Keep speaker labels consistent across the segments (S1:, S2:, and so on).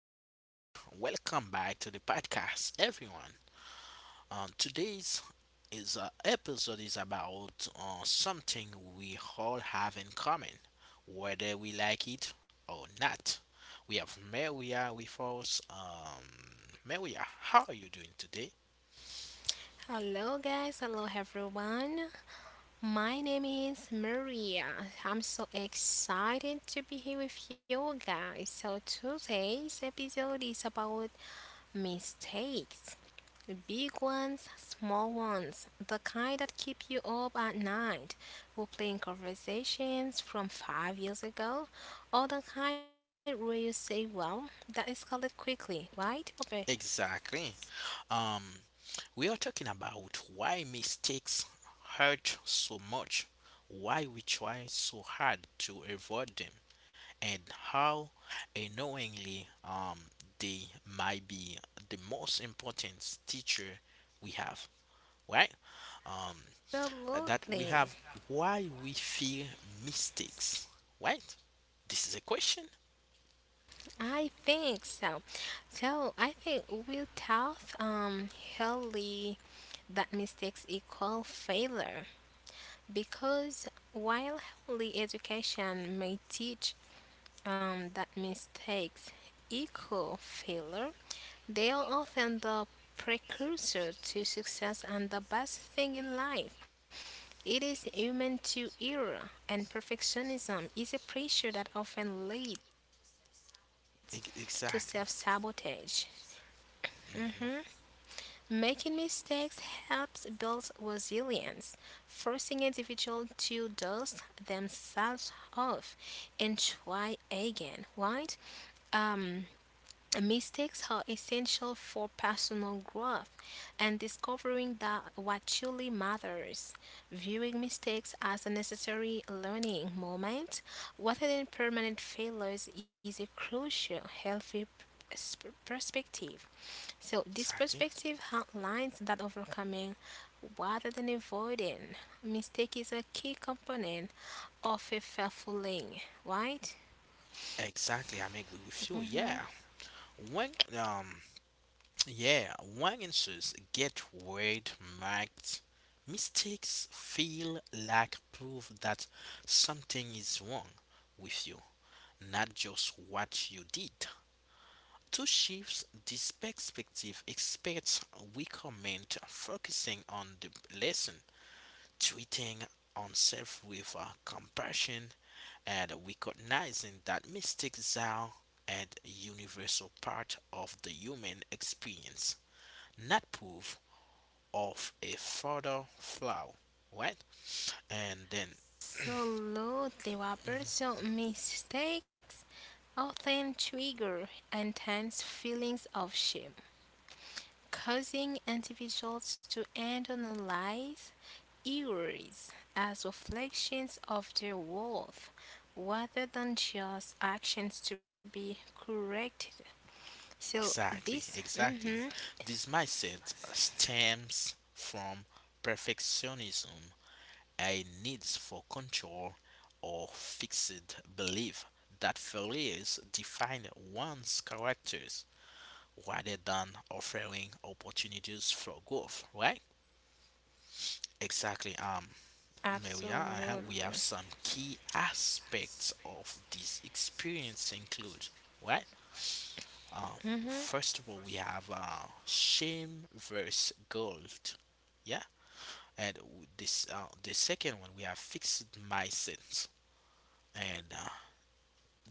S1: Robert. Welcome back to the podcast, everyone. Today's is Episode is about something we all have in common, whether we like it or not. We have Maria with us. Maria, how are you doing today?
S2: Hello, guys. Hello, everyone. My name is Maria. I'm so excited to be here with you guys. So, today's episode is about mistakes: big ones, small ones, the kind that keep you up at night. We're playing conversations from 5 years ago, or the kind where you say, well, that escalated quickly, right? Pope?
S1: Exactly. Um, we are talking about why mistakes hurt so much, why we try so hard to avoid them, and how unknowingly they might be the most important teacher we have, right? Um, that we have
S2: Absolutely.
S1: why we fear mistakes, right? This is a question.
S2: I think so. So I think we taught Holly that mistakes equal failure, because while Holly education may teach that mistakes equal failure, they are often the precursor to success and the best thing in life. It is human to error, and perfectionism is a pressure that often leads to self
S1: Ex-
S2: sabotage.
S1: Exactly.
S2: Mhm.
S1: Mm.
S2: Making mistakes helps build resilience, forcing individuals to dust themselves off and try again, right? Um, Mistakes are essential for personal growth and discovering that what truly matters. Viewing mistakes as a necessary learning moment rather than permanent failures is a crucial healthy perspective. So this
S1: Exactly.
S2: perspective outlines that overcoming rather than avoiding mistake is a key component of a fulfilling, right?
S1: Exactly. I am agree with you. Yeah. When um yeah, Wagensus get word marked. Mistakes feel like proof that something is wrong with you, not just what you did. To shift this perspective, experts recommend focusing on the lesson, treating oneself with compassion, and recognizing that mistakes are a universal part of the human experience, not proof of a further flaw, right? And then,
S2: Absolutely, Robert. So mistakes often trigger intense feelings of shame, causing individuals to internalize errors as reflections of their worth rather than just actions to be corrected. So this,
S1: exactly,
S2: mm-hmm,
S1: exactly. This mindset stems from perfectionism, a need for control or fixed belief that failures define one's characters rather than offering opportunities for growth, right? Exactly. No, yeah,
S2: absolutely,
S1: we have some key aspects of this experience include what? Uh,
S2: mm-hmm,
S1: First of all, we have shame versus gold. Yeah, and w- this the second one we have fixed mindset, and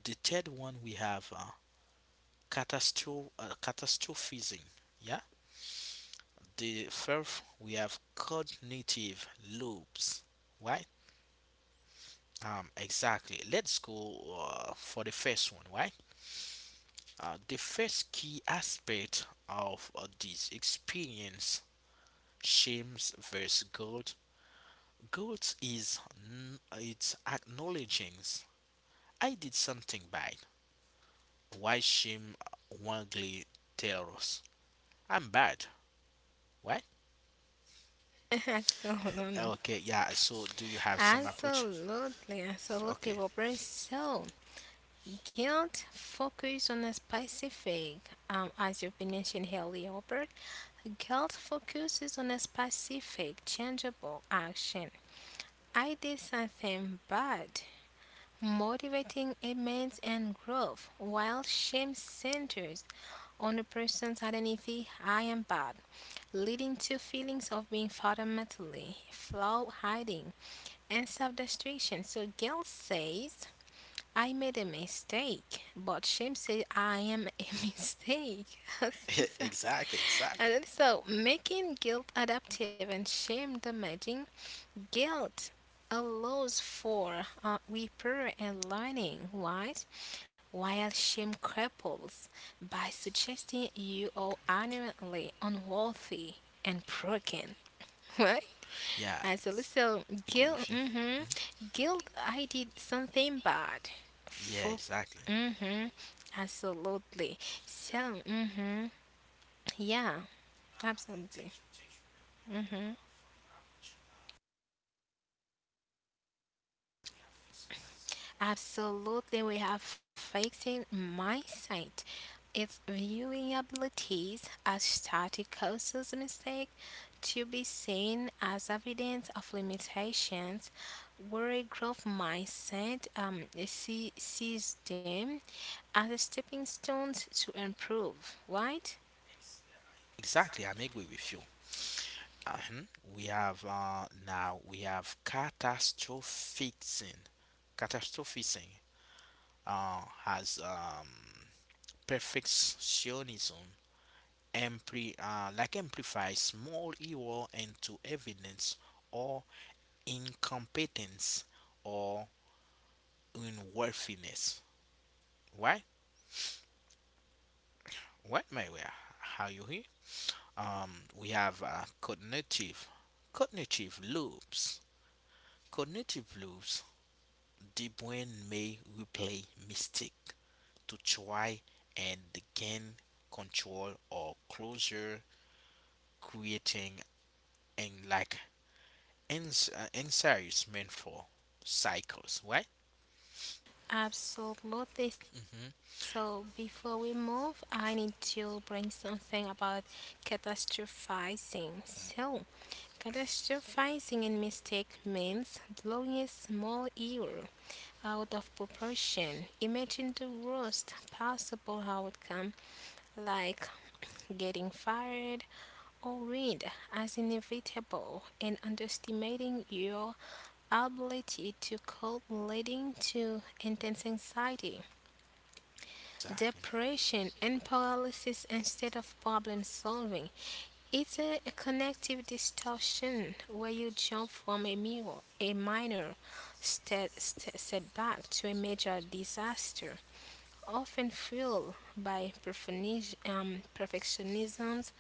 S1: the third one we have catastrophizing. Yeah, the fourth we have cognitive loops. Right. Exactly. Let's go for the first one. Right. The first key aspect of this experience, shames versus guilt, it's acknowledging I did something bad. Why shame wrongly tell us I'm bad, right?
S2: absolutely,
S1: Okay, yeah. So do you have some approach?
S2: absolutely, absolutely,
S1: Okay,
S2: Robert. So guilt focus on a specific, as you've been mentioned earlier, Albert. Guilt focuses on a specific, changeable action. I did something bad, motivating amends and growth, while shame centers on the person's identity, I am bad, leading to feelings of being fundamentally flawed, hiding, and self destruction. So, guilt says I made a mistake, but Shem said I am a mistake. And
S1: exactly, exactly.
S2: then, so making guilt adaptive and shame damaging, guilt allows for repair and learning, right? While shame cripples by suggesting you are inherently unworthy and broken, right?
S1: Yeah, I
S2: As a little
S1: agree
S2: guilt,
S1: with you.
S2: mm-hmm,
S1: Mhm.
S2: guilt, I did something bad.
S1: Yeah,
S2: For,
S1: exactly,
S2: mm-hmm, absolutely. So, mm-hmm, yeah, absolutely. Absolutely, we have fixing mindset. If viewing abilities as static causes mistake to be seen as evidence of limitations, worry growth mindset sees them as a stepping stones to improve, right?
S1: exactly. I'm agree with you. Uh-huh. We have Now we have catastrophizing. Catastrophizing has perfectionism amplifies small error into evidence or incompetence or unworthiness. Why? What my way? How you hear? We have cognitive loops. Cognitive loops the brain may replay mistake to try and gain control or closure, creating and like anxious mental cycles, right?
S2: Absolutely. So
S1: Hmm.
S2: before we move, I need to bring something about catastrophizing. So, catastrophizing in mistake means blowing a small error out of proportion. Imagine the worst possible outcome, like getting fired or read, as inevitable, and underestimating your ability to cope, leading to intense anxiety,
S1: Exactly.
S2: depression, and paralysis instead of problem solving. It's a connective distortion where you jump from a minor setback to a major disaster, often fueled by perfectionisms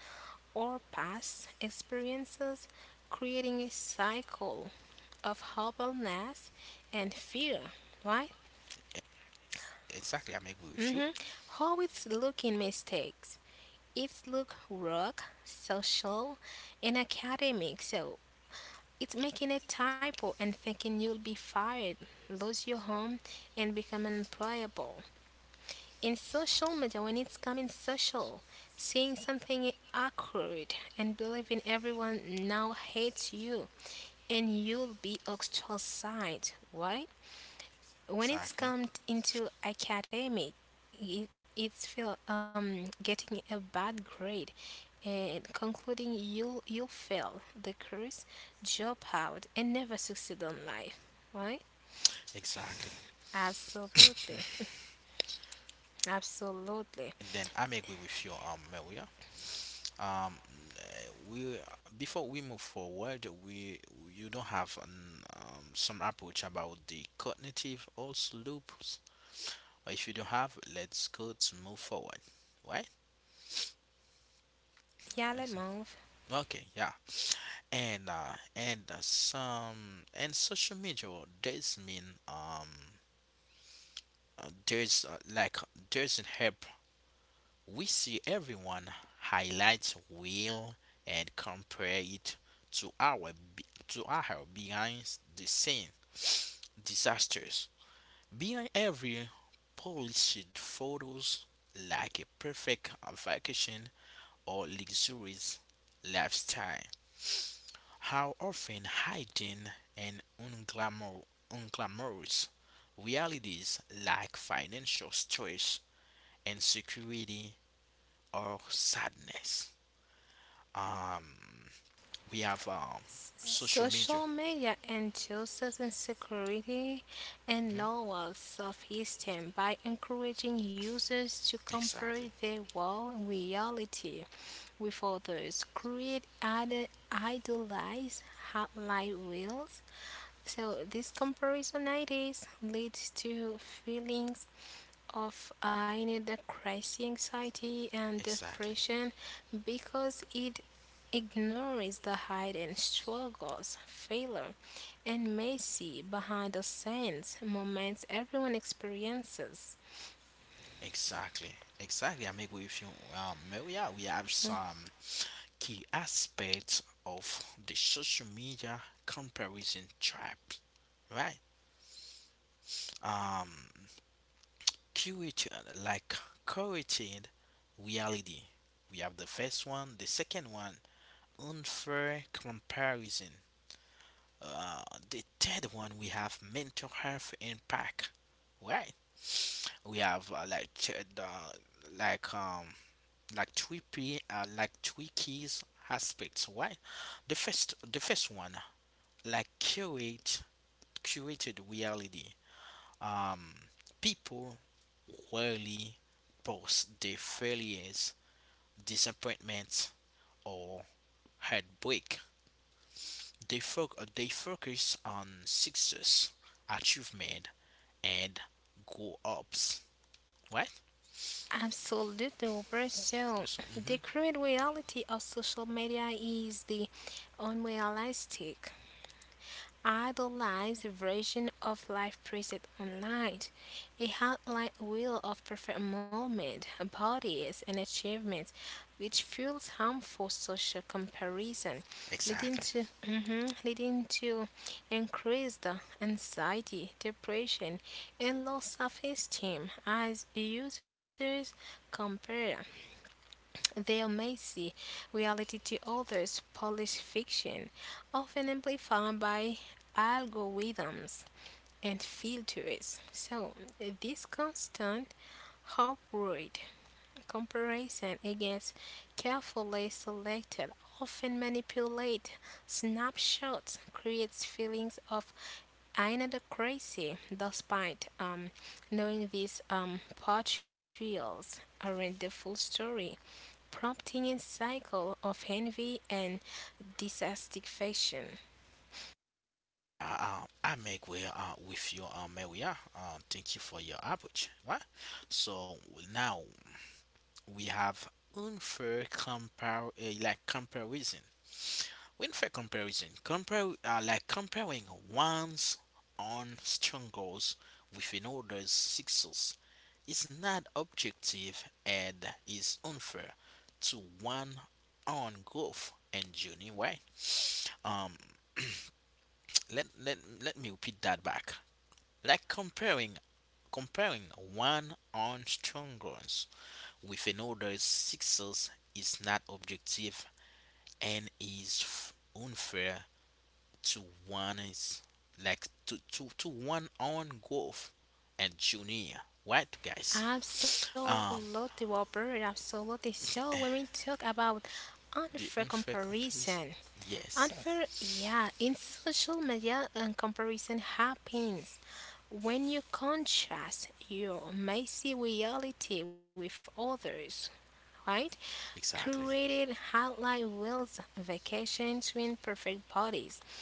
S2: or past experiences, creating a cycle of hopelessness and fear, right?
S1: Exactly. I'm agree with you.
S2: Mm-hmm. How it's looking mistakes. It's look work, social, and academic. So it's making a typo and thinking you'll be fired, lose your home, and become unemployable. In social media, when it's coming social, seeing something awkward and believing everyone now hates you and you'll be ostracized. Why? When it's
S1: Exactly.
S2: come into academic, it's feel getting a bad grade and concluding you'll fail the course, job out, and never succeed on life. Right?
S1: Exactly.
S2: Absolutely, absolutely.
S1: Then I'm agree with you, Maria. Um, eh, we Before we move forward, we you don't have an, some approach about the cognitive also loops. Or if you don't have, let's go to move forward, right?
S2: Yeah, let's
S1: Excellent.
S2: move.
S1: Okay, yeah, and social media does mean there's doesn't help we see everyone highlights real and compare it to our behind the scene disasters. Behind every polished photos like a perfect vacation or luxurious lifestyle. How often hiding and unglamorous realities like financial stress, insecurity, or sadness. um we have social media.
S2: Social media induces insecurity and
S1: Mhm.
S2: lower self esteem by encouraging users to compare
S1: Exactly,
S2: their world reality with others, create idealized highlight reels, so, this comparisonitis leads to feelings of I need a crisis anxiety and
S1: exactly,
S2: depression because it ignores the hidden struggles, failure, and messy behind the scenes moments everyone experiences.
S1: exactly, exactly. I make with you. Maybe, yeah, we have some key aspects of the social media comparison trap, right? um curated like Curated reality, we have the first one. The second one, unfair comparison. Uh, the third one we have mental health impact, right? We have like ch- the like um like three p like three keys aspects, right? The first one like curated reality. Um, People rarely post their failures, disappointments, or heartbreak. They focus on success, achievement, and go ups. Right?
S2: Absolutely, Robert. So,
S1: So. Mhm.
S2: the current reality of social media is the unrealistic idolized version of life preset online. A hotline wheel of perfect moment, bodies, and achievements, which fuels harmful social comparison, leading
S1: Exactly.
S2: to mhm, leading to increased anxiety, depression, and low self-esteem as users compare their messy reality to others polished fiction, often amplified by algorithms and filters. So, this constant upward comparison against carefully selected, often manipulate snapshots creates feelings of inadequacy despite knowing these portrayals aren't the full story, prompting a cycle of envy and dissatisfaction.
S1: I make way with you, Maria. Thank you for your approach. Right? So now we have unfair compare like comparison. When for comparison, compare like comparing one's own struggles with another's success is not objective and is unfair to one own growth and journey. Why? Um, let let me repeat that back. Like comparing one own struggles with another's success is not objective and is unfair to one is like to one on growth and junior, right, guys?
S2: Absolutely,
S1: Um
S2: Robert, absolutely. So, when we talk about unfair
S1: the unfair
S2: comparison,
S1: comparison. Yes,
S2: unfair, yeah, in social media, and comparison happens when you contrast your messy reality with others, right?
S1: exactly,
S2: Created highlight reels vacation twin perfect parties,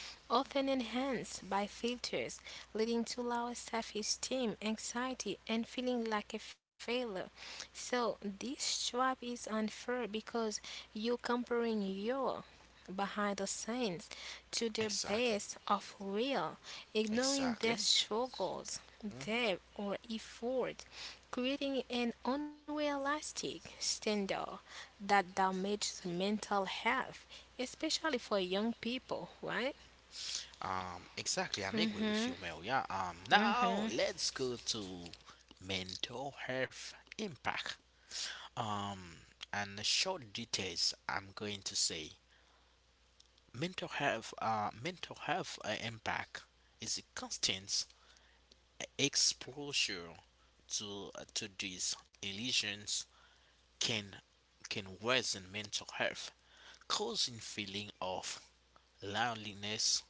S2: often enhanced by filters, leading to lower self-esteem, anxiety, and feeling like a failure. So this trap is unfair because you're comparing your behind the scenes to the
S1: exactly,
S2: best of real, ignoring their
S1: exactly.
S2: struggles, debt, or effort, creating an unrealistic standard that damages mental health, especially for young people, right?
S1: Exactly. I'm agree with
S2: Mhm.
S1: you, Maria. Now
S2: Mhm.
S1: let's go to mental health impact. um and the short details, I'm going to say mental health impact is a constant exposure to these illusions can can worsen mental health, causing feeling of loneliness,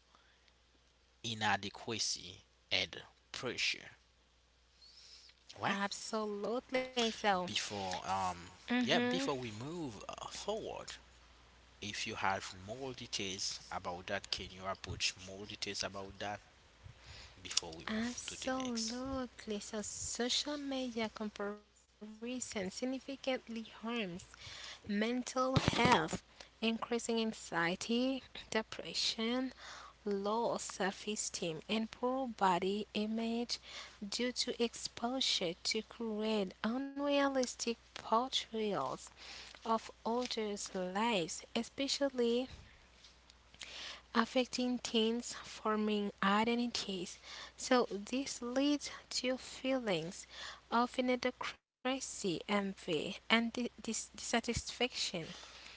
S1: inadequacy, and pressure. Right?
S2: Absolutely. So,
S1: Before um yeah
S2: mhm.
S1: Before we move forward, if you have more details about that, can you approach more details about that before we move to the next?
S2: Absolutely. So, social media comparison significantly harms mental health, increasing anxiety, depression, low self esteem, and poor body image due to exposure to create unrealistic portrayals of others' lives, especially affecting teens forming identities. So, this leads to feelings of inadequacy, envy, and dissatisfaction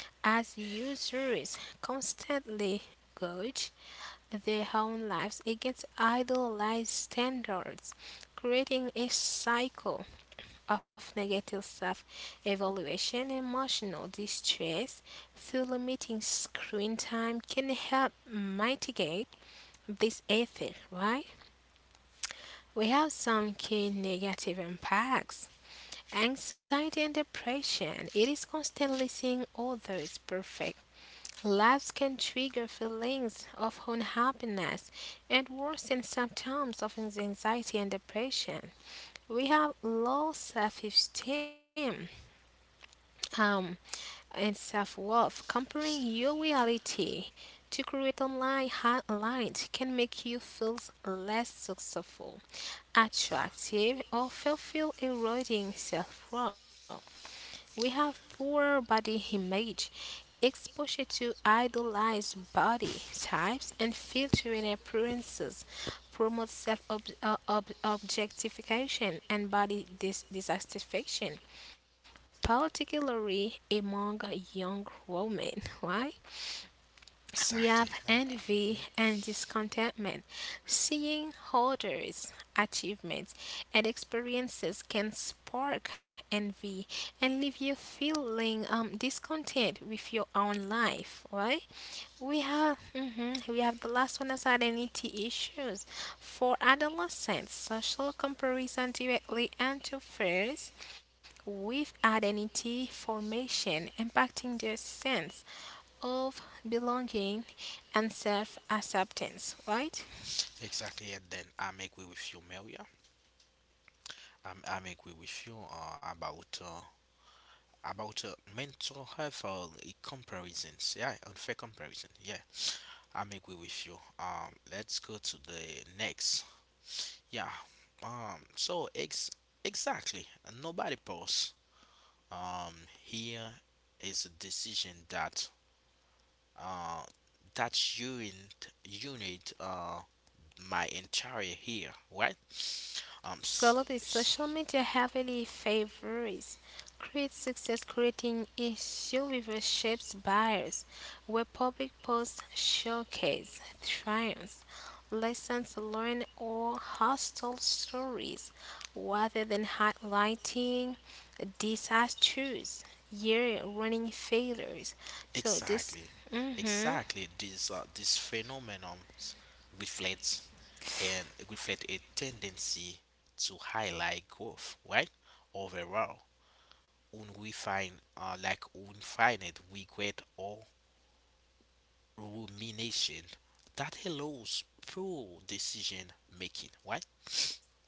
S2: as users constantly gauge their own lives against idealized standards, creating a cycle of negative self evaluation and emotional distress through limiting screen time can help mitigate this effect, right? We have some key negative impacts. Anxiety and depression. It is constantly seeing others perfect laughs can trigger feelings of unhappiness and worsen symptoms of anxiety and depression. We have low self esteem um, and self worth. Comparing
S1: Yes.
S2: your reality to create online highlights can make you feel less successful,
S1: Exactly.
S2: attractive, or fulfill eroding self worth. We have poor body image, exposure to idolized body types and filtering appearances promote self objectification and body dissatisfaction, particularly among young women. Why? We
S1: Exactly.
S2: have envy
S1: Mhm.
S2: and discontentment. Seeing others' achievements and experiences can spark envy and leave you feeling discontent with your own life. Right? We have the last one as identity issues for adolescents. Social comparison directly interferes with identity formation, impacting their sense of belonging and self acceptance, right?
S1: Exactly. And then I make way with you, Maria. I'm agree with you about about uh, mental health comparisons. Yeah, unfair comparison. Yeah, I'm agree with you. Let's go to the next. Yeah. So ex exactly. Nobody pause. Um. Here is a decision that uh that unit my entire here, right. Um. s-
S2: Absolutely. Social media heavily favors create success, creating issue with a shapes buyers where public posts showcase triumphs, lessons learned, or hostile stories rather than highlighting disasters, year running failures. So this
S1: Exactly,
S2: mhm.
S1: exactly. This phenomenon reflects reflect a tendency to highlight growth, right? Overall, when we find infinite regret or rumination that allows poor decision making, right?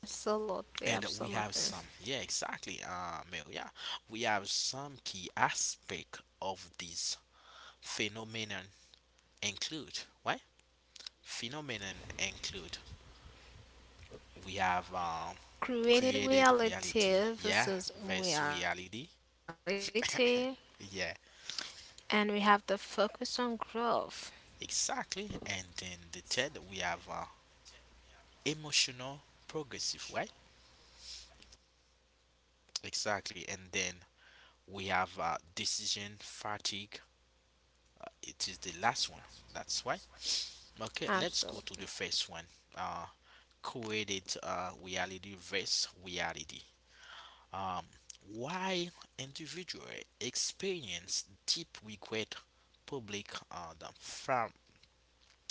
S2: Absolutely,
S1: And we have
S2: absolutely.
S1: some, yeah, exactly, Mel, yeah, we have some key aspect of this phenomenon include, right? phenomenon include We have
S2: Created
S1: created reality,
S2: reality
S1: yeah,
S2: versus
S1: versus reality,
S2: reality,
S1: yeah,
S2: and we have the focus on growth.
S1: exactly. And then the third, we have emotional progressive, right? Exactly. And then we have decision fatigue. It is the last one. That's why. Okay, let's go to the first one.
S2: Absolutely.
S1: Uh, Created reality versus reality. Um, why individual experience deep regret, public the fam,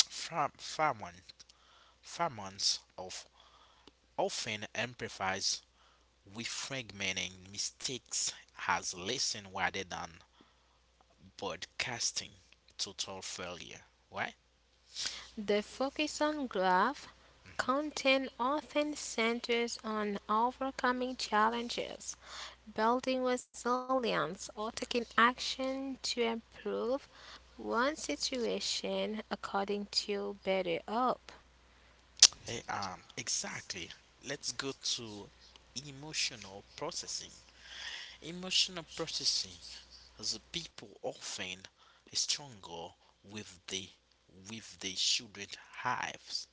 S1: fam, famine, famines of often amplifies with fragmenting mistakes has lesson rather than broadcasting total failure. Right?
S2: The focus on growth
S1: Mhm.
S2: content often centers on overcoming challenges, building resilience, or taking action to improve one situation according to better up.
S1: Exactly. Let's go to emotional processing. Emotional processing as people often struggle with the with the children hives,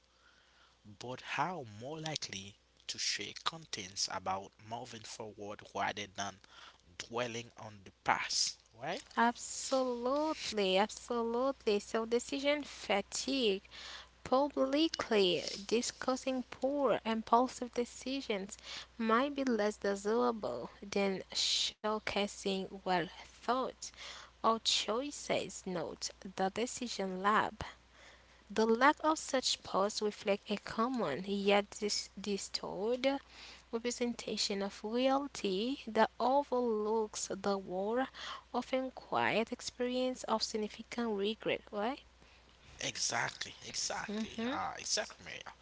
S1: but how more likely to share contents about moving forward rather than dwelling on the past, right?
S2: Absolutely, absolutely. So, decision fatigue, publicly discussing poor, impulsive decisions might be less desirable than showcasing well thought or choices. Note the decision lab. The lack of such posts reflects a common yet distorted representation of reality that overlooks the war, often quiet experience of significant regret. Why?
S1: Exactly, exactly,
S2: hmm
S1: exactly, Maria.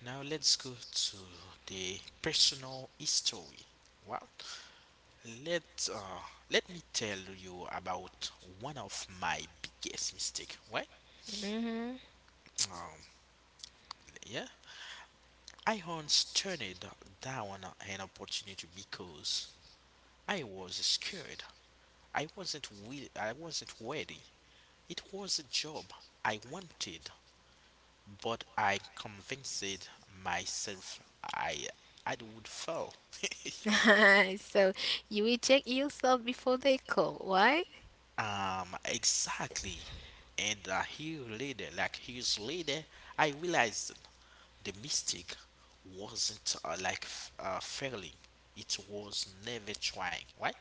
S1: Now let's go to the personal history. Wow. Let me tell you about one of my biggest mistake. Right?
S2: hmm
S1: Um, yeah. I once turned down an opportunity because I was scared. I wasn't will. I wasn't ready. It was a job I wanted, but I convinced myself I I would fail.
S2: so you reject yourself before they call. Why?
S1: Exactly. And here later, like Years later, I realized the mistake wasn't failing. It was never trying, right?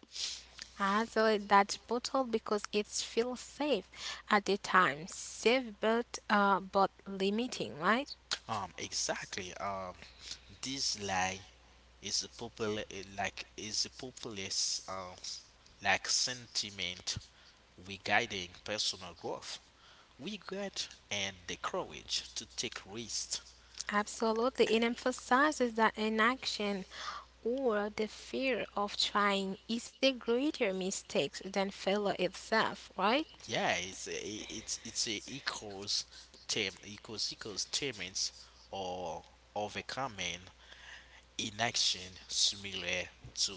S2: Ah, so that's bottle because it feels safe at the time, safe but limiting, right?
S1: Exactly. This lie is a popular, like is a populist, sentiment regarding personal growth, regret, and the courage to take risks.
S2: Absolutely. It emphasizes that inaction or the fear of trying is a greater mistake than failure itself, right?
S1: Yeah, it's a equals terms or overcoming inaction similar to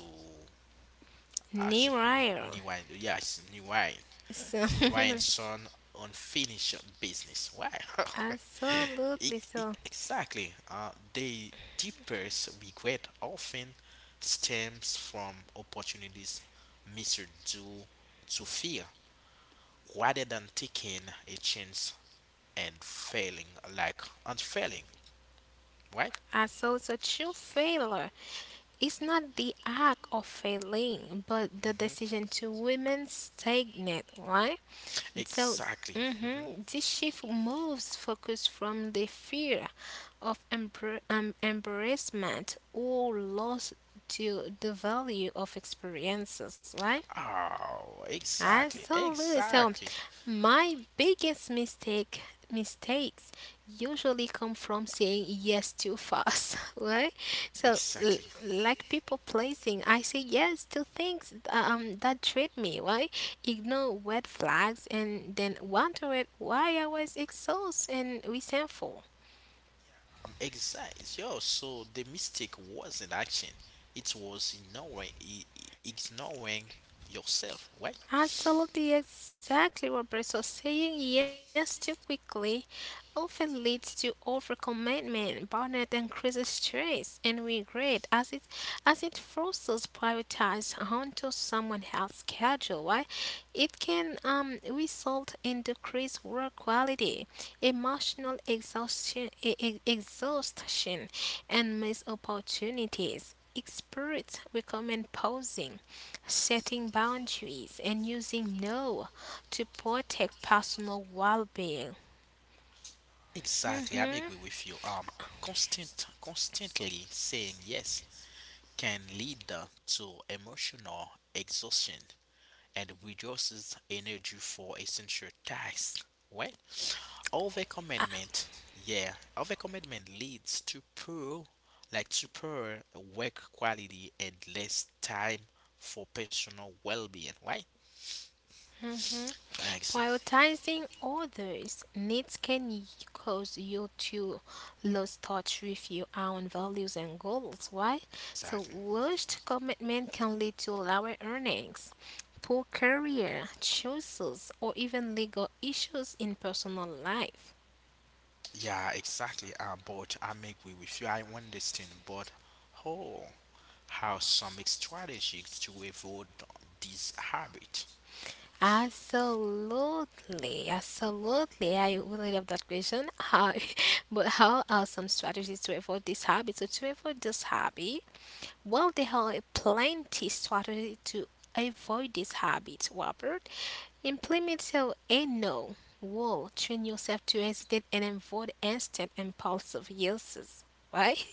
S1: actually
S2: Nearer.
S1: Niwain. Yeah, it's Niwain.
S2: So,
S1: It's Niwain's son unfinished business. Why? E-
S2: absolutely.
S1: e-
S2: So,
S1: exactly. The deepest regret often stems from opportunities misread due to fear rather than taking a chance and failing, like unfailing, right?
S2: so true failure is not the act of failing, but the decision
S1: Hmm.
S2: to remain stagnant, right? So,
S1: Exactly. Hmm.
S2: mhm, this shift moves focus from the fear of embarrassment or loss to the value of experiences, right?
S1: Oh, exactly,
S2: Absolutely. So really, so
S1: exactly,
S2: my biggest mistakes usually come from saying yes too fast, right? So
S1: exactly.
S2: like people pleasing, I say yes to things that treat me, right? Ignore red flags and then wonder it why I was exhausted and resentful.
S1: Exactly. Yo, so the mistake wasn't action; it was ignoring yourself, right?
S2: Absolutely, exactly what Bristol saying yes too quickly often leads to overcommitment, burnout, increases stress and regret, as it forces prioritize onto someone else's schedule. Why? It can result in decreased work quality, emotional exhaustion, exhaustion, and missed opportunities. Experts recommend pausing, setting boundaries, and using no to protect personal well being.
S1: Exactly, I'm agree with you. Constant, constantly saying yes can lead to emotional exhaustion. And reduces energy for essential tasks. Right? Overcommitment, yeah, overcommitment leads to poor, like to poor work quality and less time for personal well-being. Right? Ex-
S2: Prioritizing others' needs can cause you to lose touch with your own values and goals. Why? So,
S1: Exactly.
S2: rushed commitment can lead to lower earnings, poor career choices, or even legal issues in personal life.
S1: Yeah, exactly. But I may agree with you. I understand, but how how some strategies to avoid this habit?
S2: Absolutely, absolutely. I really love that question. But how are some strategies to avoid this habit? So to avoid this habit, well, there are plenty strategies to avoid this habit, Robert. Implement your a no rule. Train yourself to hesitate and avoid instant impulsive uses. Right?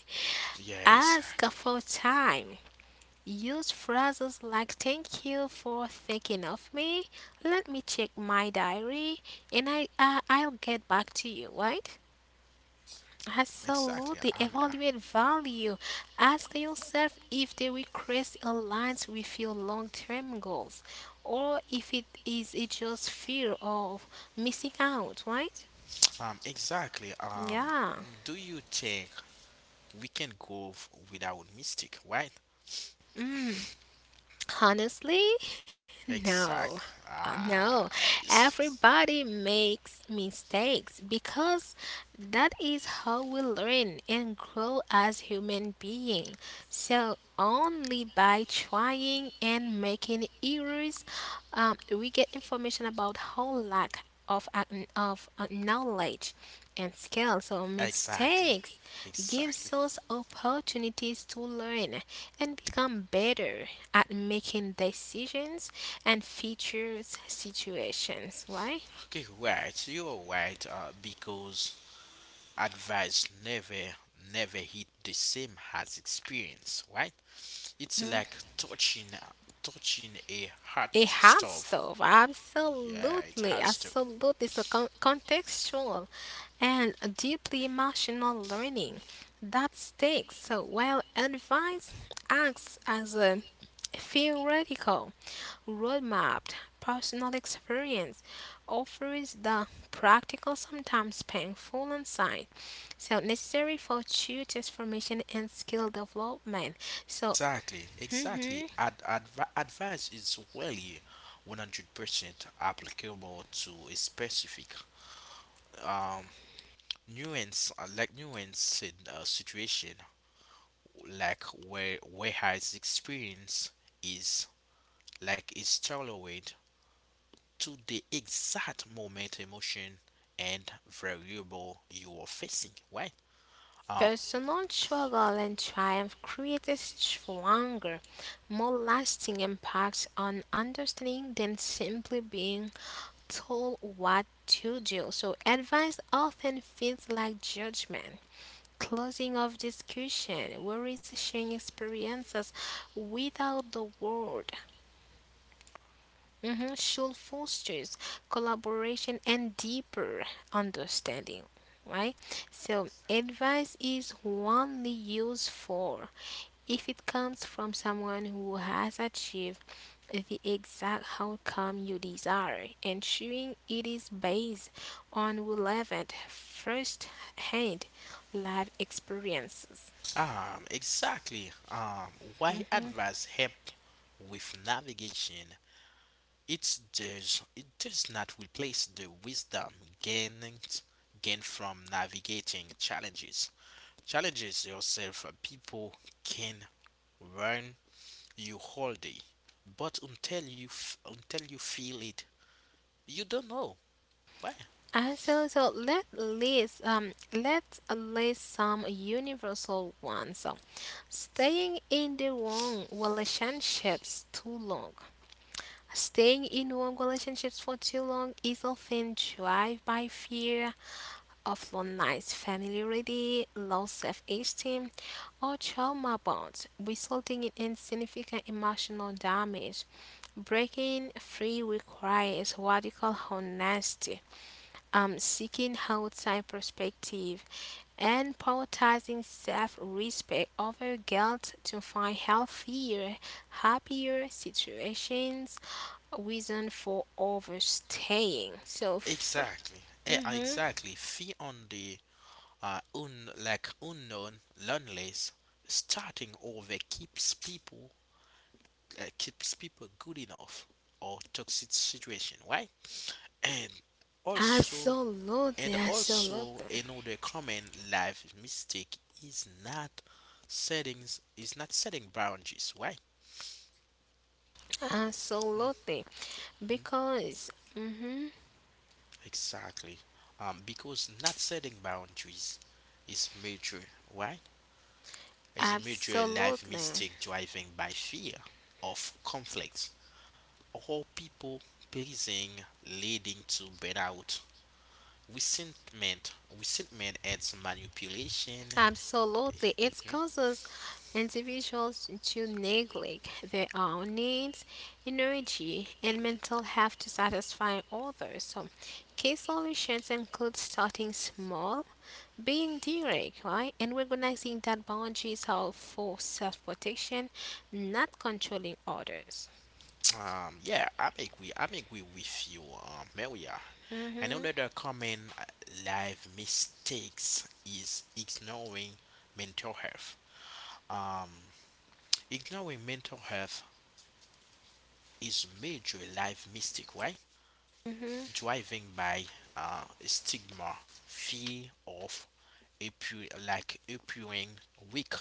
S1: Yeah,
S2: Ask
S1: exactly,
S2: for time. Use phrases like thank you for thinking of me, let me check my diary, and I'll get back to you, right?
S1: exactly.
S2: Absolutely.
S1: I'm.
S2: Evaluate value. Ask yourself if the request aligns with your long term goals or if it is it just fear of missing out, right?
S1: Exactly.
S2: Yeah.
S1: Do you think we can go without mistake, right?
S2: Mm. Honestly, no.
S1: Exactly.
S2: No,
S1: Ah, yes.
S2: everybody makes mistakes because that is how we learn and grow as human beings. So only by trying and making errors, we get information about how lack of knowledge and skills or
S1: Exactly.
S2: mistakes
S1: Exactly.
S2: gives us opportunities to learn and become better at making decisions and features situations, right.
S1: Okay, right. You're right. Because advice never hit the same as experience, right. It's
S2: Mhm.
S1: like touching a hot
S2: It hot
S1: stove.
S2: stove,
S1: Yeah, it
S2: absolutely,
S1: has to.
S2: absolutely. So contextual and deeply emotional learning that sticks. So while advice acts as a theoretical roadmapped personal experience offers the practical, sometimes painful insight, so necessary for true transformation and skill development. So,
S1: Exactly, exactly.
S2: mhm,
S1: Advice is really 100% applicable to a specific um nuance nuance in a situation like where his experience is is tailored to the exact moment, emotion, and variable you are facing, right? Um,
S2: Personal struggle and triumph create a stronger, more lasting impact on understanding than simply being told what to do. So, advice often feels like judgment, closing of discussion. Worries sharing experiences without the word Mhm, should fosters collaboration and deeper understanding, right? So, advice is only useful if it comes from someone who has achieved the exact outcome you desire, ensuring it is based on relevant first hand life experiences.
S1: exactly. Why advice help with navigation? It does. It does not replace the wisdom gained gained from navigating challenges. Challenges yourself. People can run you all day, but until until you feel it, you don't know. Why?
S2: Absolutely. So let's list some universal ones. So staying in the wrong relationships too long. Staying in wrong relationships for too long is often driven by fear of loneliness, familiarity, low self-esteem, or trauma bonds, resulting in insignificant emotional damage. Breaking free requires radical honesty seeking outside perspective, and prioritizing self respect over guilt to find healthier, happier situations, reason for overstaying. So,
S1: Exactly.
S2: mhm.
S1: Exactly. Fee on the un like unknown learnless starting over keeps people good enough or toxic situation, right? And also
S2: absolutely,
S1: and also
S2: absolutely,
S1: another common life mistake is not settings is not setting boundaries, right?
S2: absolutely, because, mhm,
S1: Exactly. Because not setting boundaries is major, Why? Is a major life
S2: absolutely.
S1: mistake driven by fear of conflict or people pleasing, leading to burnout, resentment adds manipulation.
S2: Absolutely. It causes individuals to neglect their own needs, energy, and mental health to satisfy others. So, key solutions include starting small, being direct, right, and recognizing that boundaries are for self protection, not controlling others.
S1: Yeah, I'm agree with you, Maria.
S2: hmm
S1: Another common life mistakes is ignoring mental health. Um, Ignoring mental health is major life mistake, right?
S2: hmm
S1: Driving by stigma, fear of appearing weak,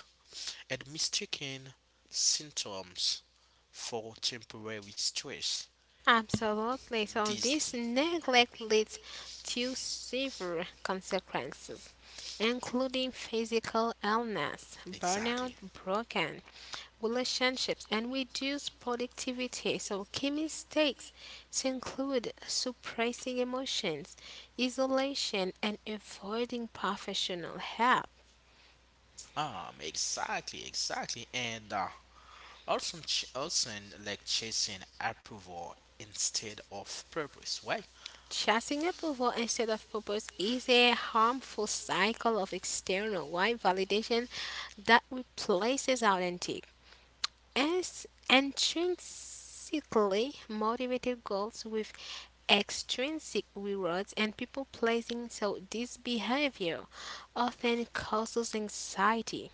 S1: and mistaking symptoms for temporary stress.
S2: Absolutely. So
S1: This
S2: this neglect leads to severe consequences, including physical illness, burnout,
S1: exactly.
S2: broken relationships, and reduced productivity. So key mistakes include suppressing emotions, isolation, and avoiding professional help.
S1: Exactly, exactly, and also, also like chasing approval instead of purpose. Why?
S2: Chasing approval instead of purpose is a harmful cycle of external wide validation that replaces authentic and intrinsically motivated goals with extrinsic rewards and people pleasing. So, this behavior often causes anxiety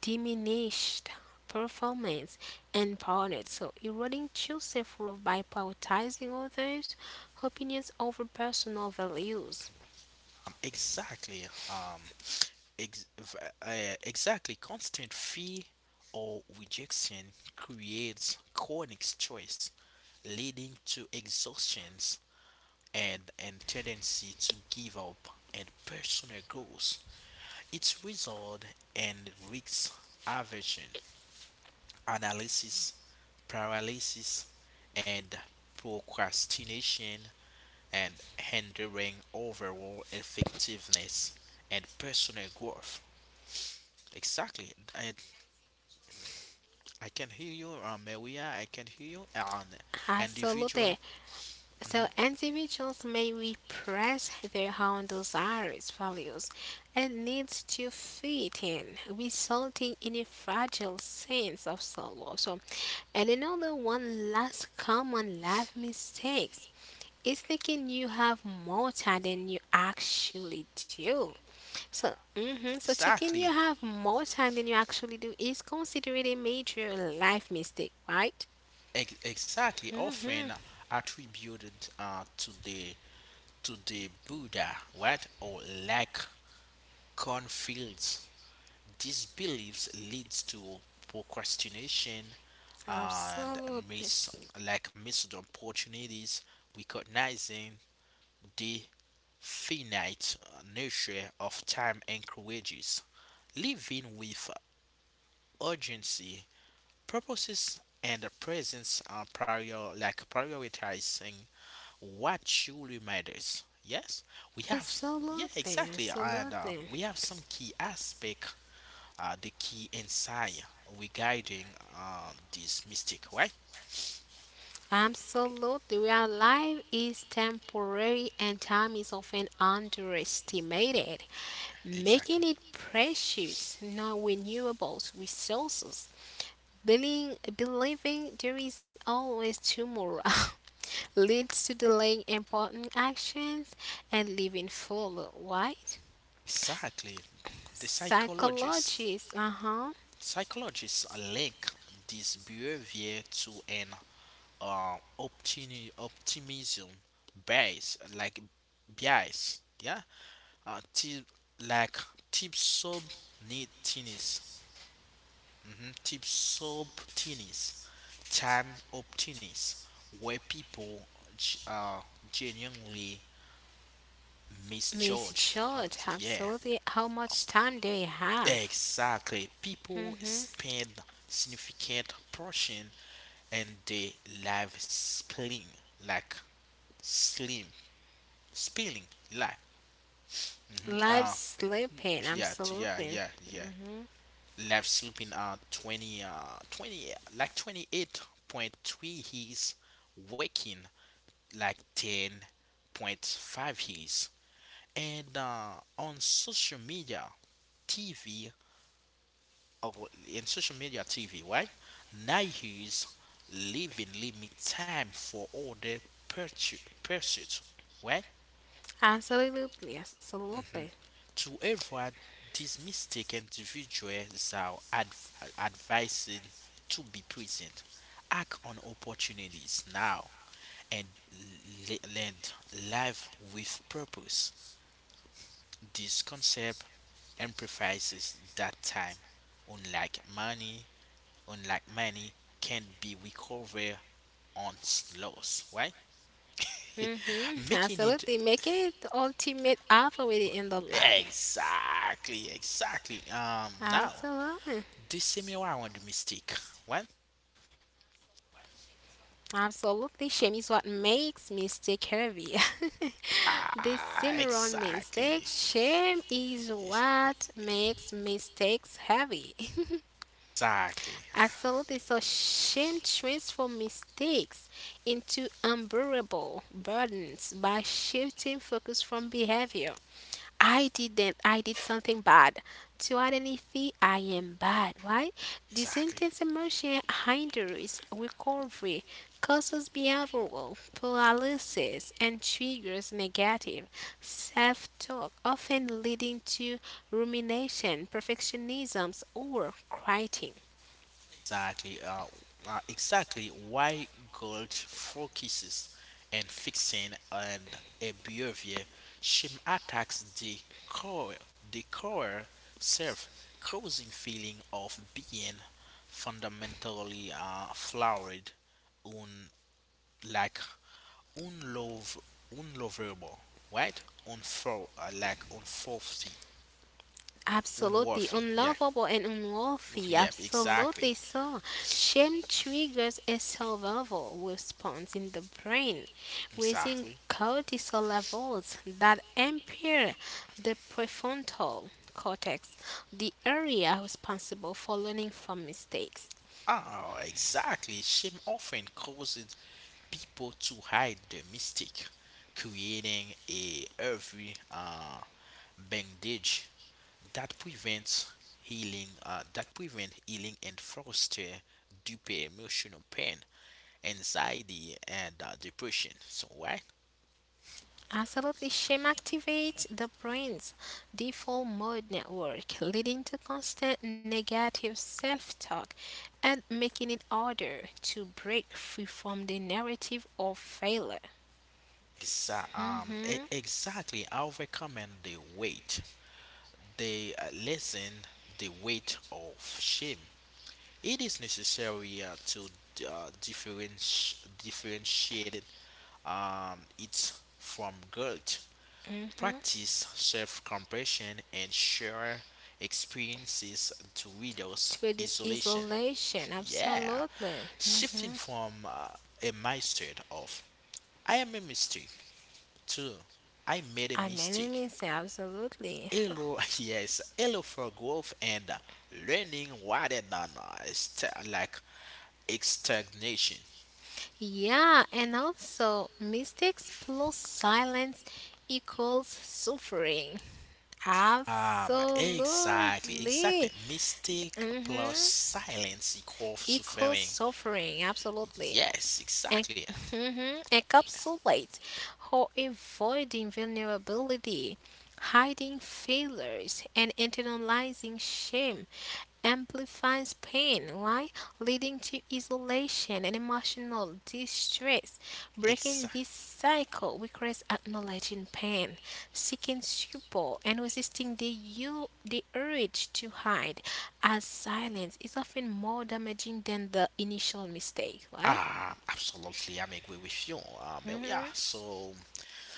S2: diminished performance and burnout. So eroding true self-love by prioritizing others' opinions over personal values.
S1: Um, exactly. Um, exactly. Constant fear or rejection creates chronic stress, leading to exhaustions and tendency to give up and personal goals. It's result and risks aversion, analysis paralysis, and procrastination and hindering overall effectiveness and personal growth. Exactly. I can hear you, Maria. I can hear you. And individual.
S2: Absolutely. So
S1: Mhm.
S2: individuals may repress their own desires, values, and needs to fit in, resulting in a fragile sense of self-love. So, and another one last common life mistakes is thinking you have more time than you actually do. So thinking you
S1: Exactly.
S2: have more time than you actually do is considered a major life mistake, right?
S1: Exactly.
S2: hmm
S1: Often attributed to the Buddha, right? Or lack conflicts. These beliefs leads to procrastination and
S2: Absolutely.
S1: miss like missed opportunities. Recognizing the finite nature of time encourages living with urgency, purposes, and the presence are prior like prioritizing what truly matters. Yes, we have s- yeah,
S2: Absolutely,
S1: exactly, and
S2: absolutely,
S1: uh, we have some key aspect, the key insight regarding this mystic, right?
S2: absolutely. Real life is temporary and time is often underestimated, making
S1: Exactly,
S2: it precious, non renewable resources. Being, believing there is always tomorrow leads to delaying important actions and living full, right?
S1: exactly. The psychologist
S2: Psychologists, uh huh,
S1: Psychologists link this behavior to an optimism bias, yeah, uh, t- like tip subtinis, mm-hmm. Tip subtinis, time optimis, where people g- uh, genuinely misjudge.
S2: misjudge
S1: Yeah,
S2: absolutely how much time they have.
S1: exactly. People
S2: Mm-hmm.
S1: spend significant portion and they live spilling like slim spilling like hmm
S2: Life slipping,
S1: yeah, t- yeah
S2: absolutely.
S1: yeah yeah live sleeping 20 like 28.3 he's waking like 10.5 he's and on social media tv or in social media tv right now he's leaving limit time for all the pursu- pursuits right?
S2: Absolutely, absolutely.
S1: To avoid these mistakes, individuals are advised to be present, act on opportunities now, and lead life with purpose. This concept emphasizes that time, unlike money, unlike money, can be recovered on loss, right?
S2: Mm-hmm.
S1: Making it
S2: Absolutely. Making it the ultimate authority in the life.
S1: exactly, exactly. Now
S2: Absolutely.
S1: do similar around the similarity mistake. What?
S2: Absolutely, shame is what makes mistake heavy. This Cimarron mistake,
S1: Ah,
S2: shame
S1: exactly,
S2: is what makes mistakes heavy.
S1: exactly,
S2: Absolutely, so shame transforms mistakes into unbearable burdens by shifting focus from behavior. I didn't, I did something bad. To add anything, I am bad. Why? This
S1: exactly,
S2: intense emotion hinders recovery, causes behavioral paralysis, and triggers negative self talk, often leading to rumination, perfectionism, or quieting.
S1: exactly. Exactly why God focuses and fixing and a behavior. She attacks core, the core self, causing feeling of being fundamentally flawed, un like unlov- unlovable, right? Unfor like
S2: Absolutely
S1: unworthy. Yeah,
S2: unlovable and unworthy.
S1: yep, exactly,
S2: Absolutely so. Shame triggers a survival response in the brain, raising
S1: exactly.
S2: cortisol levels that impair the prefrontal cortex, the area responsible for learning from mistakes.
S1: Ah, exactly. Shame often causes people to hide their mistake, creating a every bandage that prevents healing that prevent healing and foster deeper emotional pain anxiety and depression so why.
S2: Absolutely, shame activates the brain's default mode network, leading to constant negative self talk and making it harder to break free from the narrative of failure. hmm
S1: Exactly. I recommend the weight, the lessen the weight of shame. It is necessary to differentiate it from guilt.
S2: To
S1: Practice self-compassion and share experiences to reduce
S2: reduce
S1: isolation.
S2: isolation,
S1: Yeah,
S2: absolutely. Mhm.
S1: shifting from a mindset of "I am a mistake" to "I made a
S2: I mean,
S1: mistake."
S2: it say absolutely.
S1: Hello, yes, hello for growth and learning rather than stagnation.
S2: Yeah, and also mistakes plus silence equals suffering.
S1: Exactly,
S2: Absolutely.
S1: exactly. Mistake plus
S2: Mm-hmm.
S1: silence equals
S2: Equals
S1: suffering.
S2: suffering, absolutely.
S1: Yes,
S2: And
S1: exactly.
S2: mhm, encapsulate or avoiding vulnerability, hiding failures, and internalizing shame amplifies pain. Why? Leading to isolation and emotional distress. Breaking
S1: Exactly.
S2: this cycle requires acknowledging pain, seeking support, and resisting the urge to hide, as silence is often more damaging than the initial mistake, right?
S1: Ah, absolutely. I'm agree with you. Yeah.
S2: hmm
S1: So,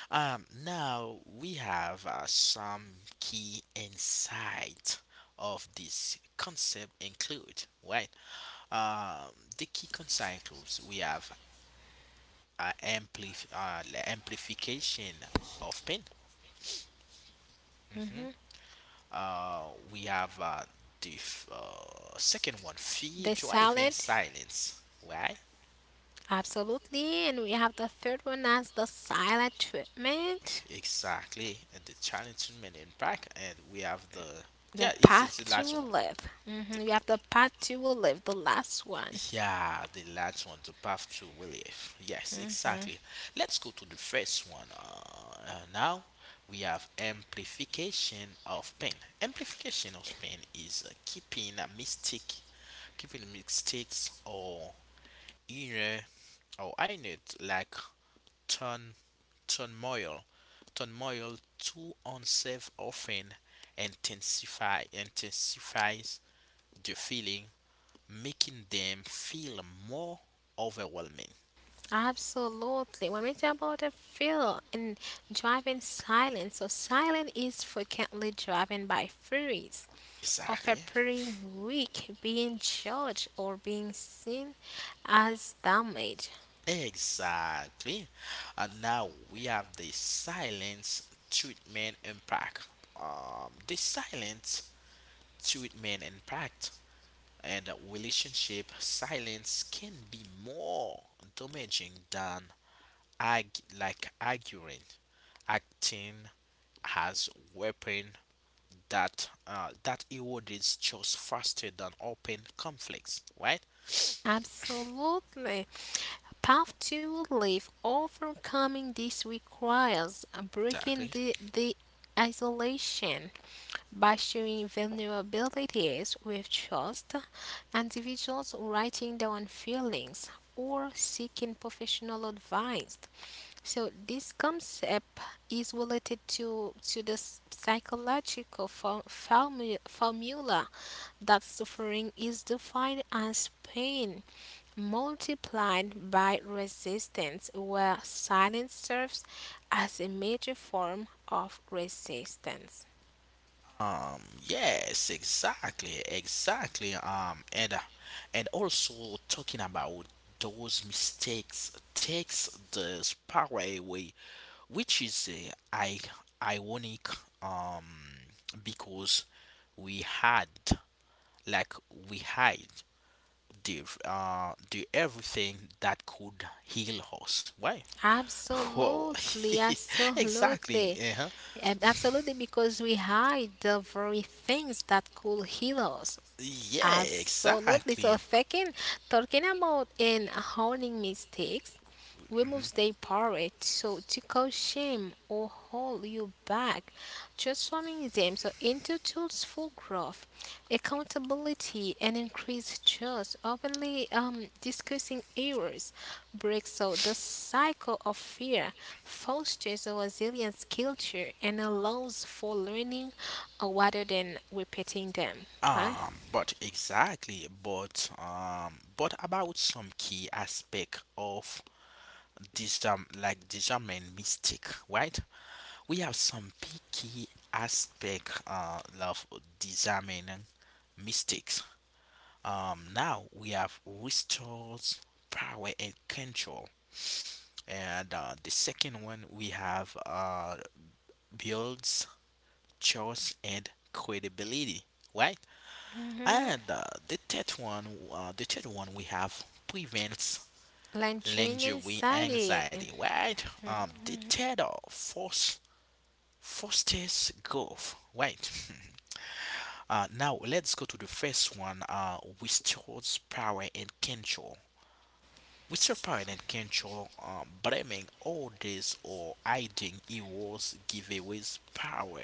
S1: now we have some key insight of this concept include, right? Um, the key concepts we have are the amplification of pain.
S2: hmm
S1: Mhm. We have the f- second one, fear
S2: The
S1: driving
S2: silence,
S1: silence. Right?
S2: absolutely, and we have the third one as the silent treatment.
S1: Exactly. And the challenging impact. And we have the yeah,
S2: The
S1: it's
S2: path
S1: the
S2: to
S1: last one.
S2: live. Mm-hmm. You have the path to live, the last one.
S1: Yeah, the last one, the path to relief. Yes, exactly. Let's go to the first one. Now we have amplification of pain. Amplification of pain is keeping a mistake, Keeping mistakes or inner inner like turn turmoil, turmoil to unsafe often intensify intensifies the feeling making them feel more overwhelming.
S2: Absolutely. When we talk about the feel and driving silent, so silent is frequently driven by furies of
S1: Exactly.
S2: appearing weak, being judged, or being seen as damage.
S1: Exactly. And now we have the silence treatment impact. Um, the silence treatment impact and relationship silence can be more damaging than arguing, acting as weapon that erodes trust faster than open conflicts, right?
S2: Absolutely. Path to live, overcoming this requires breaking
S1: Exactly.
S2: the isolation by sharing vulnerabilities with trust, individuals writing down feelings or seeking professional advice. So this concept is related to the s- psychological for, formu- formula that suffering is defined as pain multiplied by resistance, where silence serves as a major form of resistance.
S1: Yes, exactly, exactly. And also talking about those mistakes takes the power away, which is I ironic. Um, because we had like we hide the everything that could heal us. Why? Whoa,
S2: Absolutely,
S1: exactly.
S2: absolutely.
S1: Uh-huh.
S2: Absolutely, because we hide the very things that could heal us.
S1: Yeah,
S2: Absolutely. So,
S1: exactly.
S2: second, talking about in honing mistakes, we must
S1: Mhm.
S2: stay power so to cause shame or hold you back, transforming them so into tools for growth, accountability, and increased trust. Openly discussing errors breaks so the cycle of fear, fosters a resilience culture, and allows for learning rather than repeating them, right?
S1: But exactly, but about some key aspect of this like discernment mystic, right? We have some big key aspect of discerning mystics. Now we have restores power and control, and the second one we have builds trust and credibility, right?
S2: Mhm.
S1: And the third one we have prevents
S2: Like chewing
S1: lingerie
S2: anxiety.
S1: anxiety, right? The third force fosters growth, right? Now let's go to the first one. Restores power and control. Restore power and control. Blaming orders or hiding heroes giveaways power.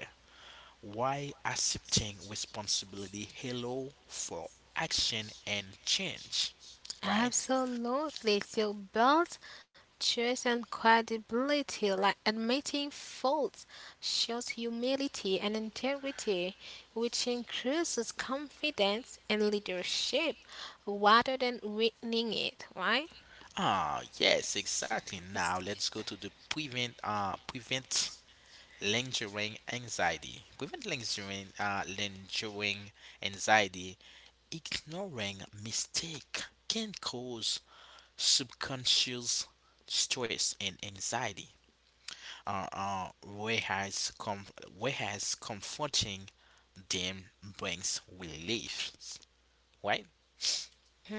S1: Why accepting responsibility hello for action and change, right?
S2: Absolutely. So build trust and credibility, like admitting faults, shows humility and integrity, which increases confidence and leadership rather than weakening it, right?
S1: Ah, yes, exactly. Now
S2: It's
S1: let's go to the prevent lingering anxiety. Prevent lingering lingering anxiety. Ignoring mistake can cause subconscious stress and anxiety. uh, uh, whereas, com- Whereas comforting them brings relief, right?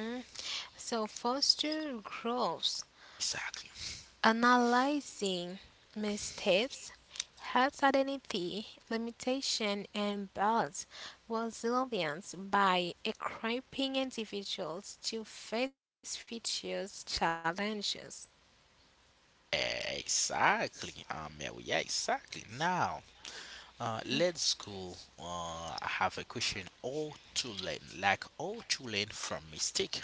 S2: Mhm. So foster growth,
S1: Exactly.
S2: analyzing mistakes Health Identity, Limitation and Balance Resilience by equipping individuals to face future's challenges.
S1: Exactly. Yeah, yeah, exactly. Now, uh, let school have a question like all to learn from mistake.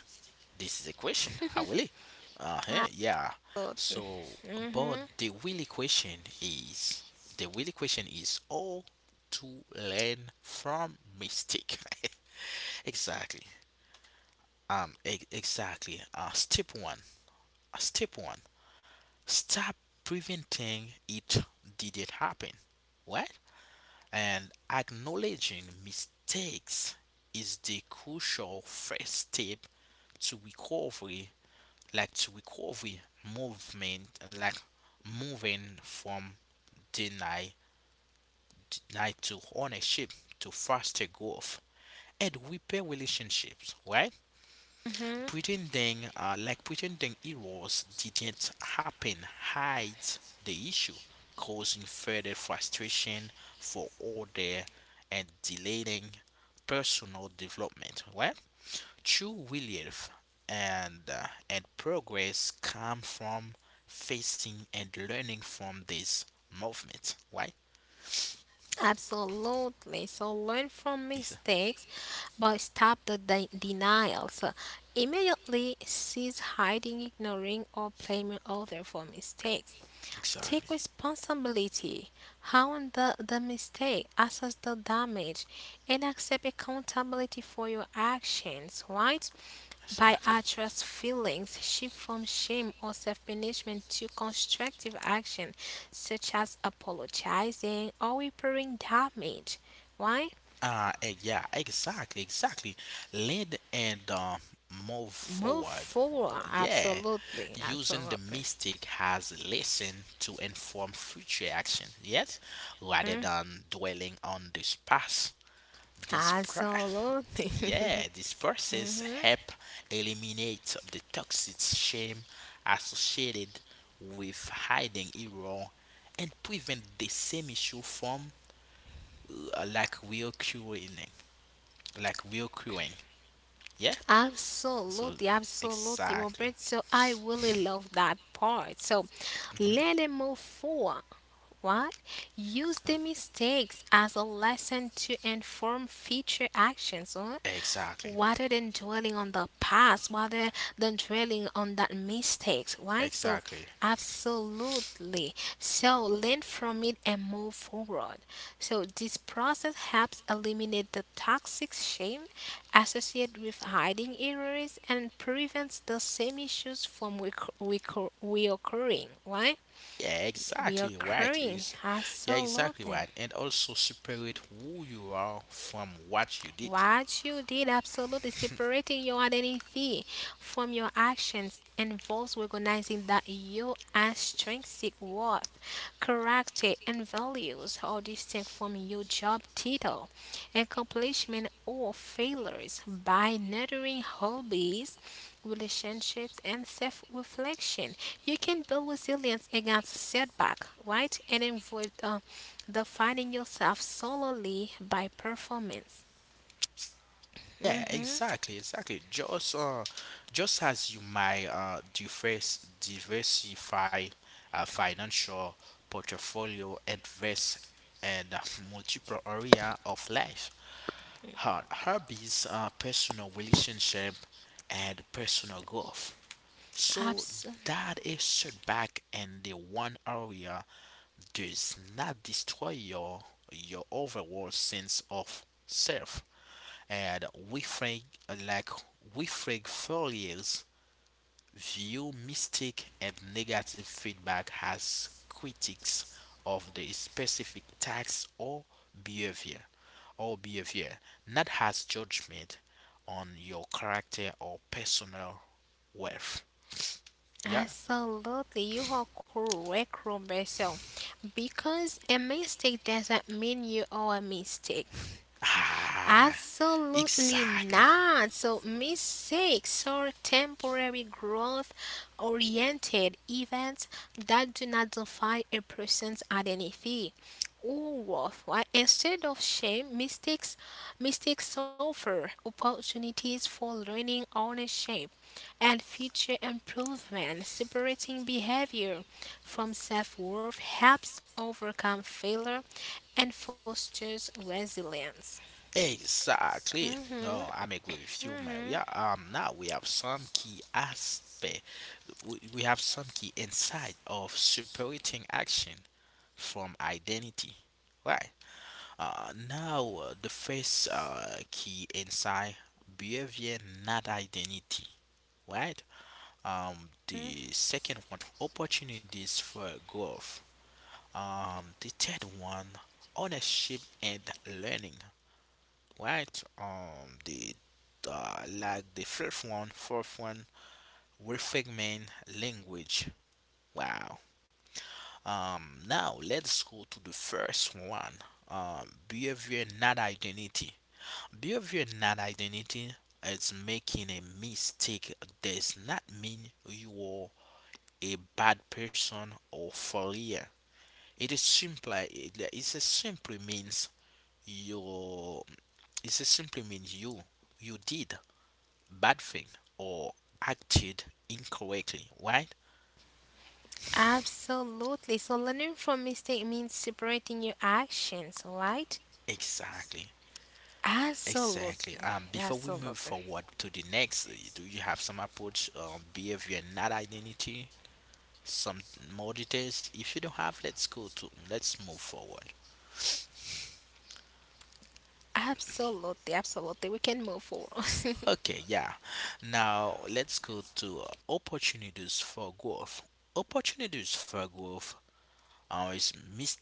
S1: This is a question, how will it? Uh huh, yeah. So, but
S2: Mm-hmm.
S1: the really question is the really question is all to learn from mistake. exactly. Exactly. Step one. Stop preventing it didn't happen. What? And acknowledging mistakes is the crucial first step to recovery like to recovery movement like moving from deny deny to ownership to faster growth and repair relationships, right?
S2: Mm-hmm.
S1: Pretending like pretending it was didn't happen hides the issue, causing further frustration for order and delaying personal development. Right? True relief and and progress come from facing and learning from this movement. Right?
S2: Absolutely. So learn from
S1: Yes,
S2: mistakes, but stop the denials. Immediately cease hiding, ignoring, or blaming others for mistakes. Take
S1: exactly.
S2: responsibility, own the mistake, assess the damage, and accept accountability for your actions, right? By
S1: Exactly.
S2: address feelings, shift from shame or self punishment to constructive action, such as apologizing or repairing damage. Why?
S1: Yeah, exactly, exactly. Lead and move
S2: Move
S1: forward.
S2: forward.
S1: Yeah,
S2: Absolutely.
S1: using the
S2: Absolutely.
S1: mystic has lesson to inform future action. Yes, rather
S2: Mm.
S1: than dwelling on this past. This pra-
S2: Absolutely.
S1: yeah, this process
S2: Mhm.
S1: help eliminate the toxic shame associated with hiding error and prevent the same issue from uh, like reoccurring like real crewing. Yeah. So
S2: Absolutely, absolutely,
S1: exactly.
S2: Robert. So I really love that part. So
S1: hmm
S2: let it move forward. What? Use the mistakes as a lesson to inform future actions
S1: Exactly.
S2: rather than dwelling on the past, rather than dwelling on that mistakes, right? So
S1: Exactly.
S2: absolutely. So learn from it and move forward. So this process helps eliminate the toxic shame associated with hiding errors and prevents the same issues from reoccurring, right?
S1: Yeah, exactly right.
S2: Reoccurring,
S1: Yeah, exactly
S2: absolutely.
S1: right. And also separate who you are from what you did.
S2: What you did absolutely separating your identity from your actions involves recognizing that your intrinsic worth, character, and values are distinct from your job title, accomplishment, or failures. By nurturing hobbies, relationships, and self reflection, you can build resilience against setback, right? And avoid defining yourself solely by performance.
S1: Yeah,
S2: Mm-hmm.
S1: exactly, exactly. Just as you might diverse diversify a financial portfolio, invest in multiple area of life. Hobbies are personal relationship and personal growth. So
S2: Abs-
S1: that a setback in the one area does not destroy your overall sense of self. And we think like we think failures view mistake and negative feedback as critiques of the specific tax or behavior behavior, not as judgment on your character or personal worth. Yeah.
S2: absolutely, you are correct, Roberto. Because a mistake doesn't mean you are a mistake.
S1: Ah,
S2: Absolutely
S1: exactly.
S2: not. So mistakes are temporary growth-oriented events that do not define a person's identity or worth. Why? Instead of shame, mistakes offer opportunities for learning ownership and future improvement. Separating behavior from self worth helps overcome failure and fosters resilience.
S1: Exactly.
S2: Mhm,
S1: No, I'm agree with you, man.
S2: mhm.
S1: We are now we have some key aspect. We have some key insight of separating action from identity. Right. Now the first key insight: behavior, not identity. Right. The second one: opportunities for growth. The third one: ownership and learning, right? The like the fifth one, fourth one, we reframing language. Wow. Now let's go to the first one. Behavior not identity. Behavior not identity is making a mistake does not mean you are a bad person or failure. It is simply means you it is simply means you you did bad thing or acted incorrectly, right?
S2: Absolutely. So, learning from mistake means separating your actions, right?
S1: Exactly. Exactly.
S2: Absolutely.
S1: Before we move
S2: Absolutely.
S1: forward to the next, do you have some approach on behavior, not identity? Some more details. If you don't have, let's go to let's move forward.
S2: Absolutely. Absolutely. We can move forward.
S1: Okay, yeah. Now let's go to opportunities for growth. Opportunities for growth are is mis-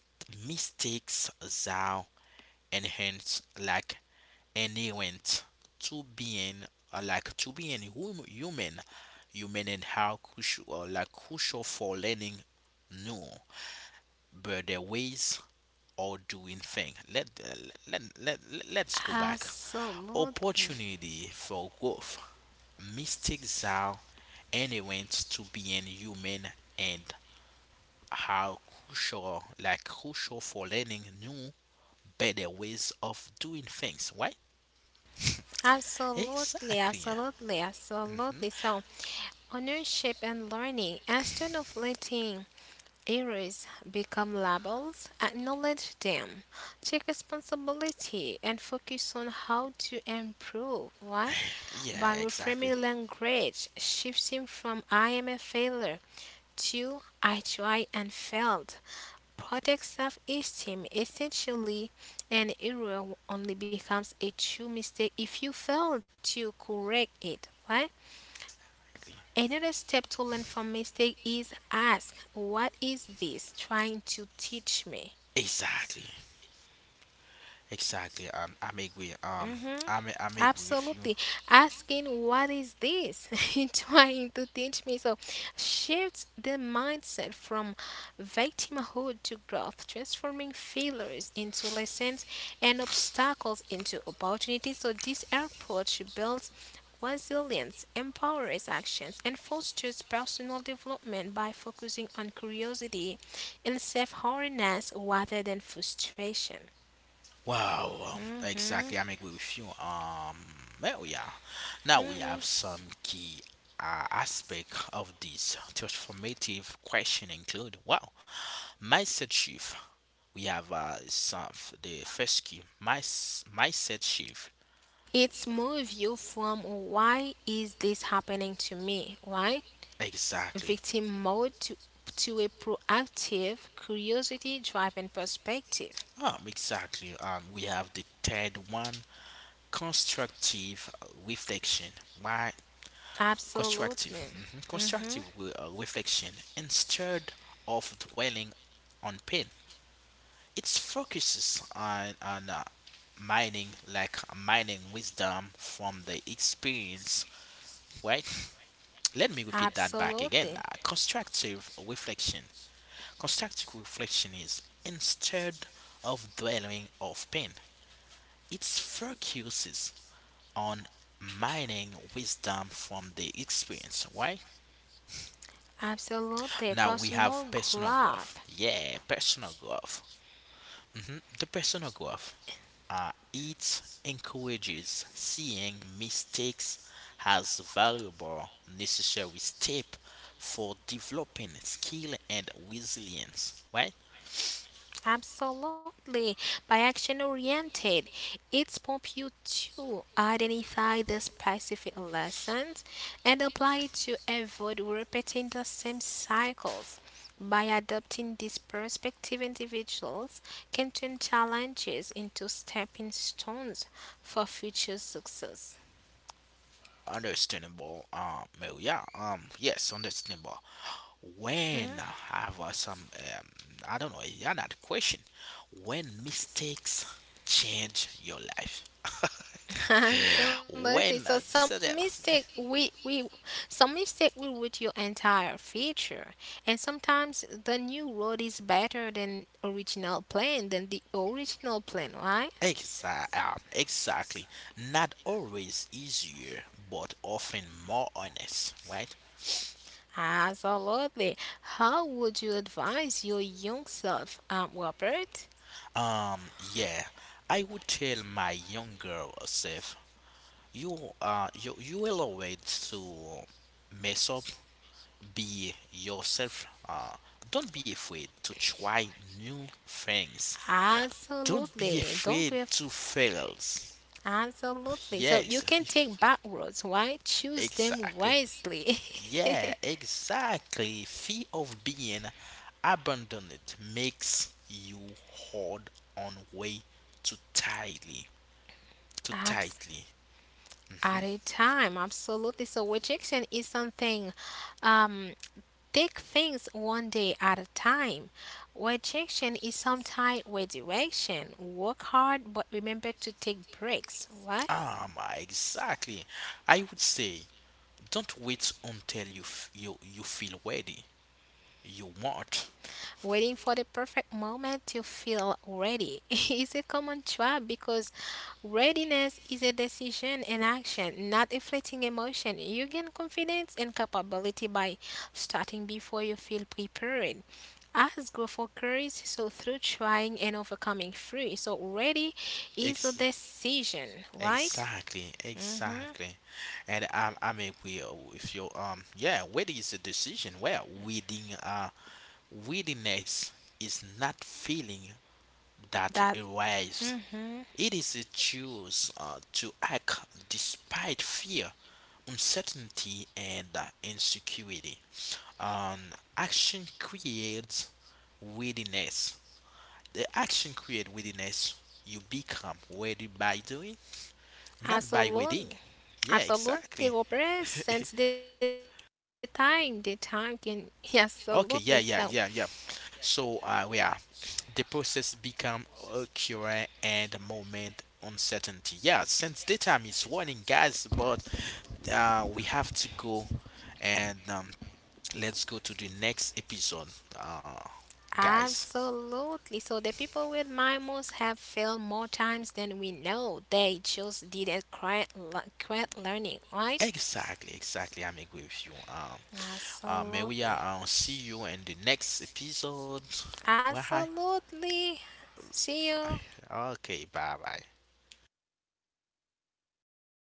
S1: mistakes thou enhance like inherent to being human human and how crucial like crucial for learning new but the ways or doing thing let's go back.
S2: Absolutely.
S1: Opportunity for growth, mistakes are inherent to being human and how crucial like crucial for learning new better ways of doing things, right?
S2: Absolutely,
S1: Exactly.
S2: absolutely,
S1: hmm
S2: absolutely. So, Ownership and learning. Instead of letting errors become labels, acknowledge them, take responsibility, and focus on how to improve. Why?
S1: Yeah,
S2: By
S1: exactly.
S2: reframing language, shifting from I am a failure to I try and failed. Protect self esteem. Essentially, an error only becomes a true mistake if you fail to correct it. Why?
S1: Exactly.
S2: Another step to learn from mistake is ask, what is this trying to teach me?
S1: Exactly. Exactly. I'm agree.
S2: Mm-hmm.
S1: I'm agree with you.
S2: Absolutely. Asking, what is this? And trying to teach me. So, shifts the mindset from victimhood to growth, transforming failures into lessons and obstacles into opportunities. So, this approach builds resilience, empowers actions, and fosters personal development by focusing on curiosity and self awareness rather than frustration.
S1: Wow.
S2: hmm
S1: Exactly. I'm agree with you. Well, yeah. Now we have some key aspect of this transformative question include wow mindset shift. We have some the first key my mindset shift.
S2: It's move you from why is this happening to me, right?
S1: Exactly.
S2: Victim mode to a proactive curiosity driven perspective.
S1: Exactly. We have the third one constructive reflection. Why constructive?
S2: Absolutely.
S1: Mhm. Constructive
S2: Mhm.
S1: re- uh, reflection instead of dwelling on pain. It focuses on mining wisdom from the experience. Right? Let me repeat that back
S2: Absolutely.
S1: again. Constructive reflection. Constructive reflection is instead of dwelling of pain. It focuses on mining wisdom from the experience, why?
S2: Absolutely.
S1: Now we have
S2: Personal
S1: personal growth.
S2: growth.
S1: Yeah, personal growth. Hmm The personal growth, it encourages seeing mistakes as valuable, necessary step for developing skill and resilience, why?
S2: Absolutely. By action oriented, it prompts you to identify the specific lessons and apply it to avoid repeating the same cycles. By adopting this perspective, individuals can turn challenges into stepping stones for future success.
S1: Understandable. Well, yeah. Yes, understandable. When I have some, I don't know, yeah, not question. When mistakes change your life.
S2: Some. So
S1: When
S2: some
S1: so that
S2: mistake we some mistake will with your entire feature. And sometimes the new road is better than original plan than the original plan, right?
S1: exactly not always easier, but often more honest, right?
S2: Absolutely. How would you advise your young self, Robert?
S1: Yeah, I would tell my younger self, you will always to mess up be yourself. Don't be afraid to try new things. Don't be
S2: Absolutely. Don't
S1: afraid
S2: be af-
S1: to fail.
S2: absolutely. So you
S1: Yes,
S2: can take back roads, right? Choose them
S1: exactly.
S2: wisely.
S1: Yeah, exactly. Fear of being abandoned makes you hold on way too tightly. Too
S2: Absolutely.
S1: tightly.
S2: At
S1: Hmm
S2: a time, absolutely. So rejection is something, um, take things one day at a time. Rejection is sometimes redirection. Work hard, but remember to take breaks, right?
S1: Ah, my, exactly. I would say, don't wait until you feel ready. You want.
S2: Waiting for the perfect moment to feel ready is a common trap because readiness is a decision and action, not a fleeting emotion. You gain confidence and capability by starting before you feel prepared. As growth occurs, so through trying and overcoming free. So ready is a
S1: Ex-
S2: decision, right?
S1: Exactly,
S2: Mm-hmm.
S1: exactly. And I mean, we if you Yeah, waiting is a decision. Well, waiting waitiness is not feeling that
S2: That
S1: arrives.
S2: mm-hmm.
S1: It is a choice to act despite fear, uncertainty, and insecurity. Action creates readiness. The action creates readiness. You become ready by doing. Not by wedding,
S2: Absolutely.
S1: yeah,
S2: Absolutely,
S1: exactly.
S2: Robert. Since the time can yeah, absolutely so.
S1: Okay, yeah, yeah, yeah, yeah. So we are. The process become occurring and moment uncertainty. Yeah, since the time is running, guys, but we have to go and let's go to the next episode, uh, guys.
S2: Absolutely. So the people with mimos have failed more times than we know. They just didn't quit, quit learning, right?
S1: Exactly, exactly. I'm agree with you. May we
S2: Absolutely.
S1: see you in the next episode. Why?
S2: Absolutely. See you.
S1: Okay, bye bye.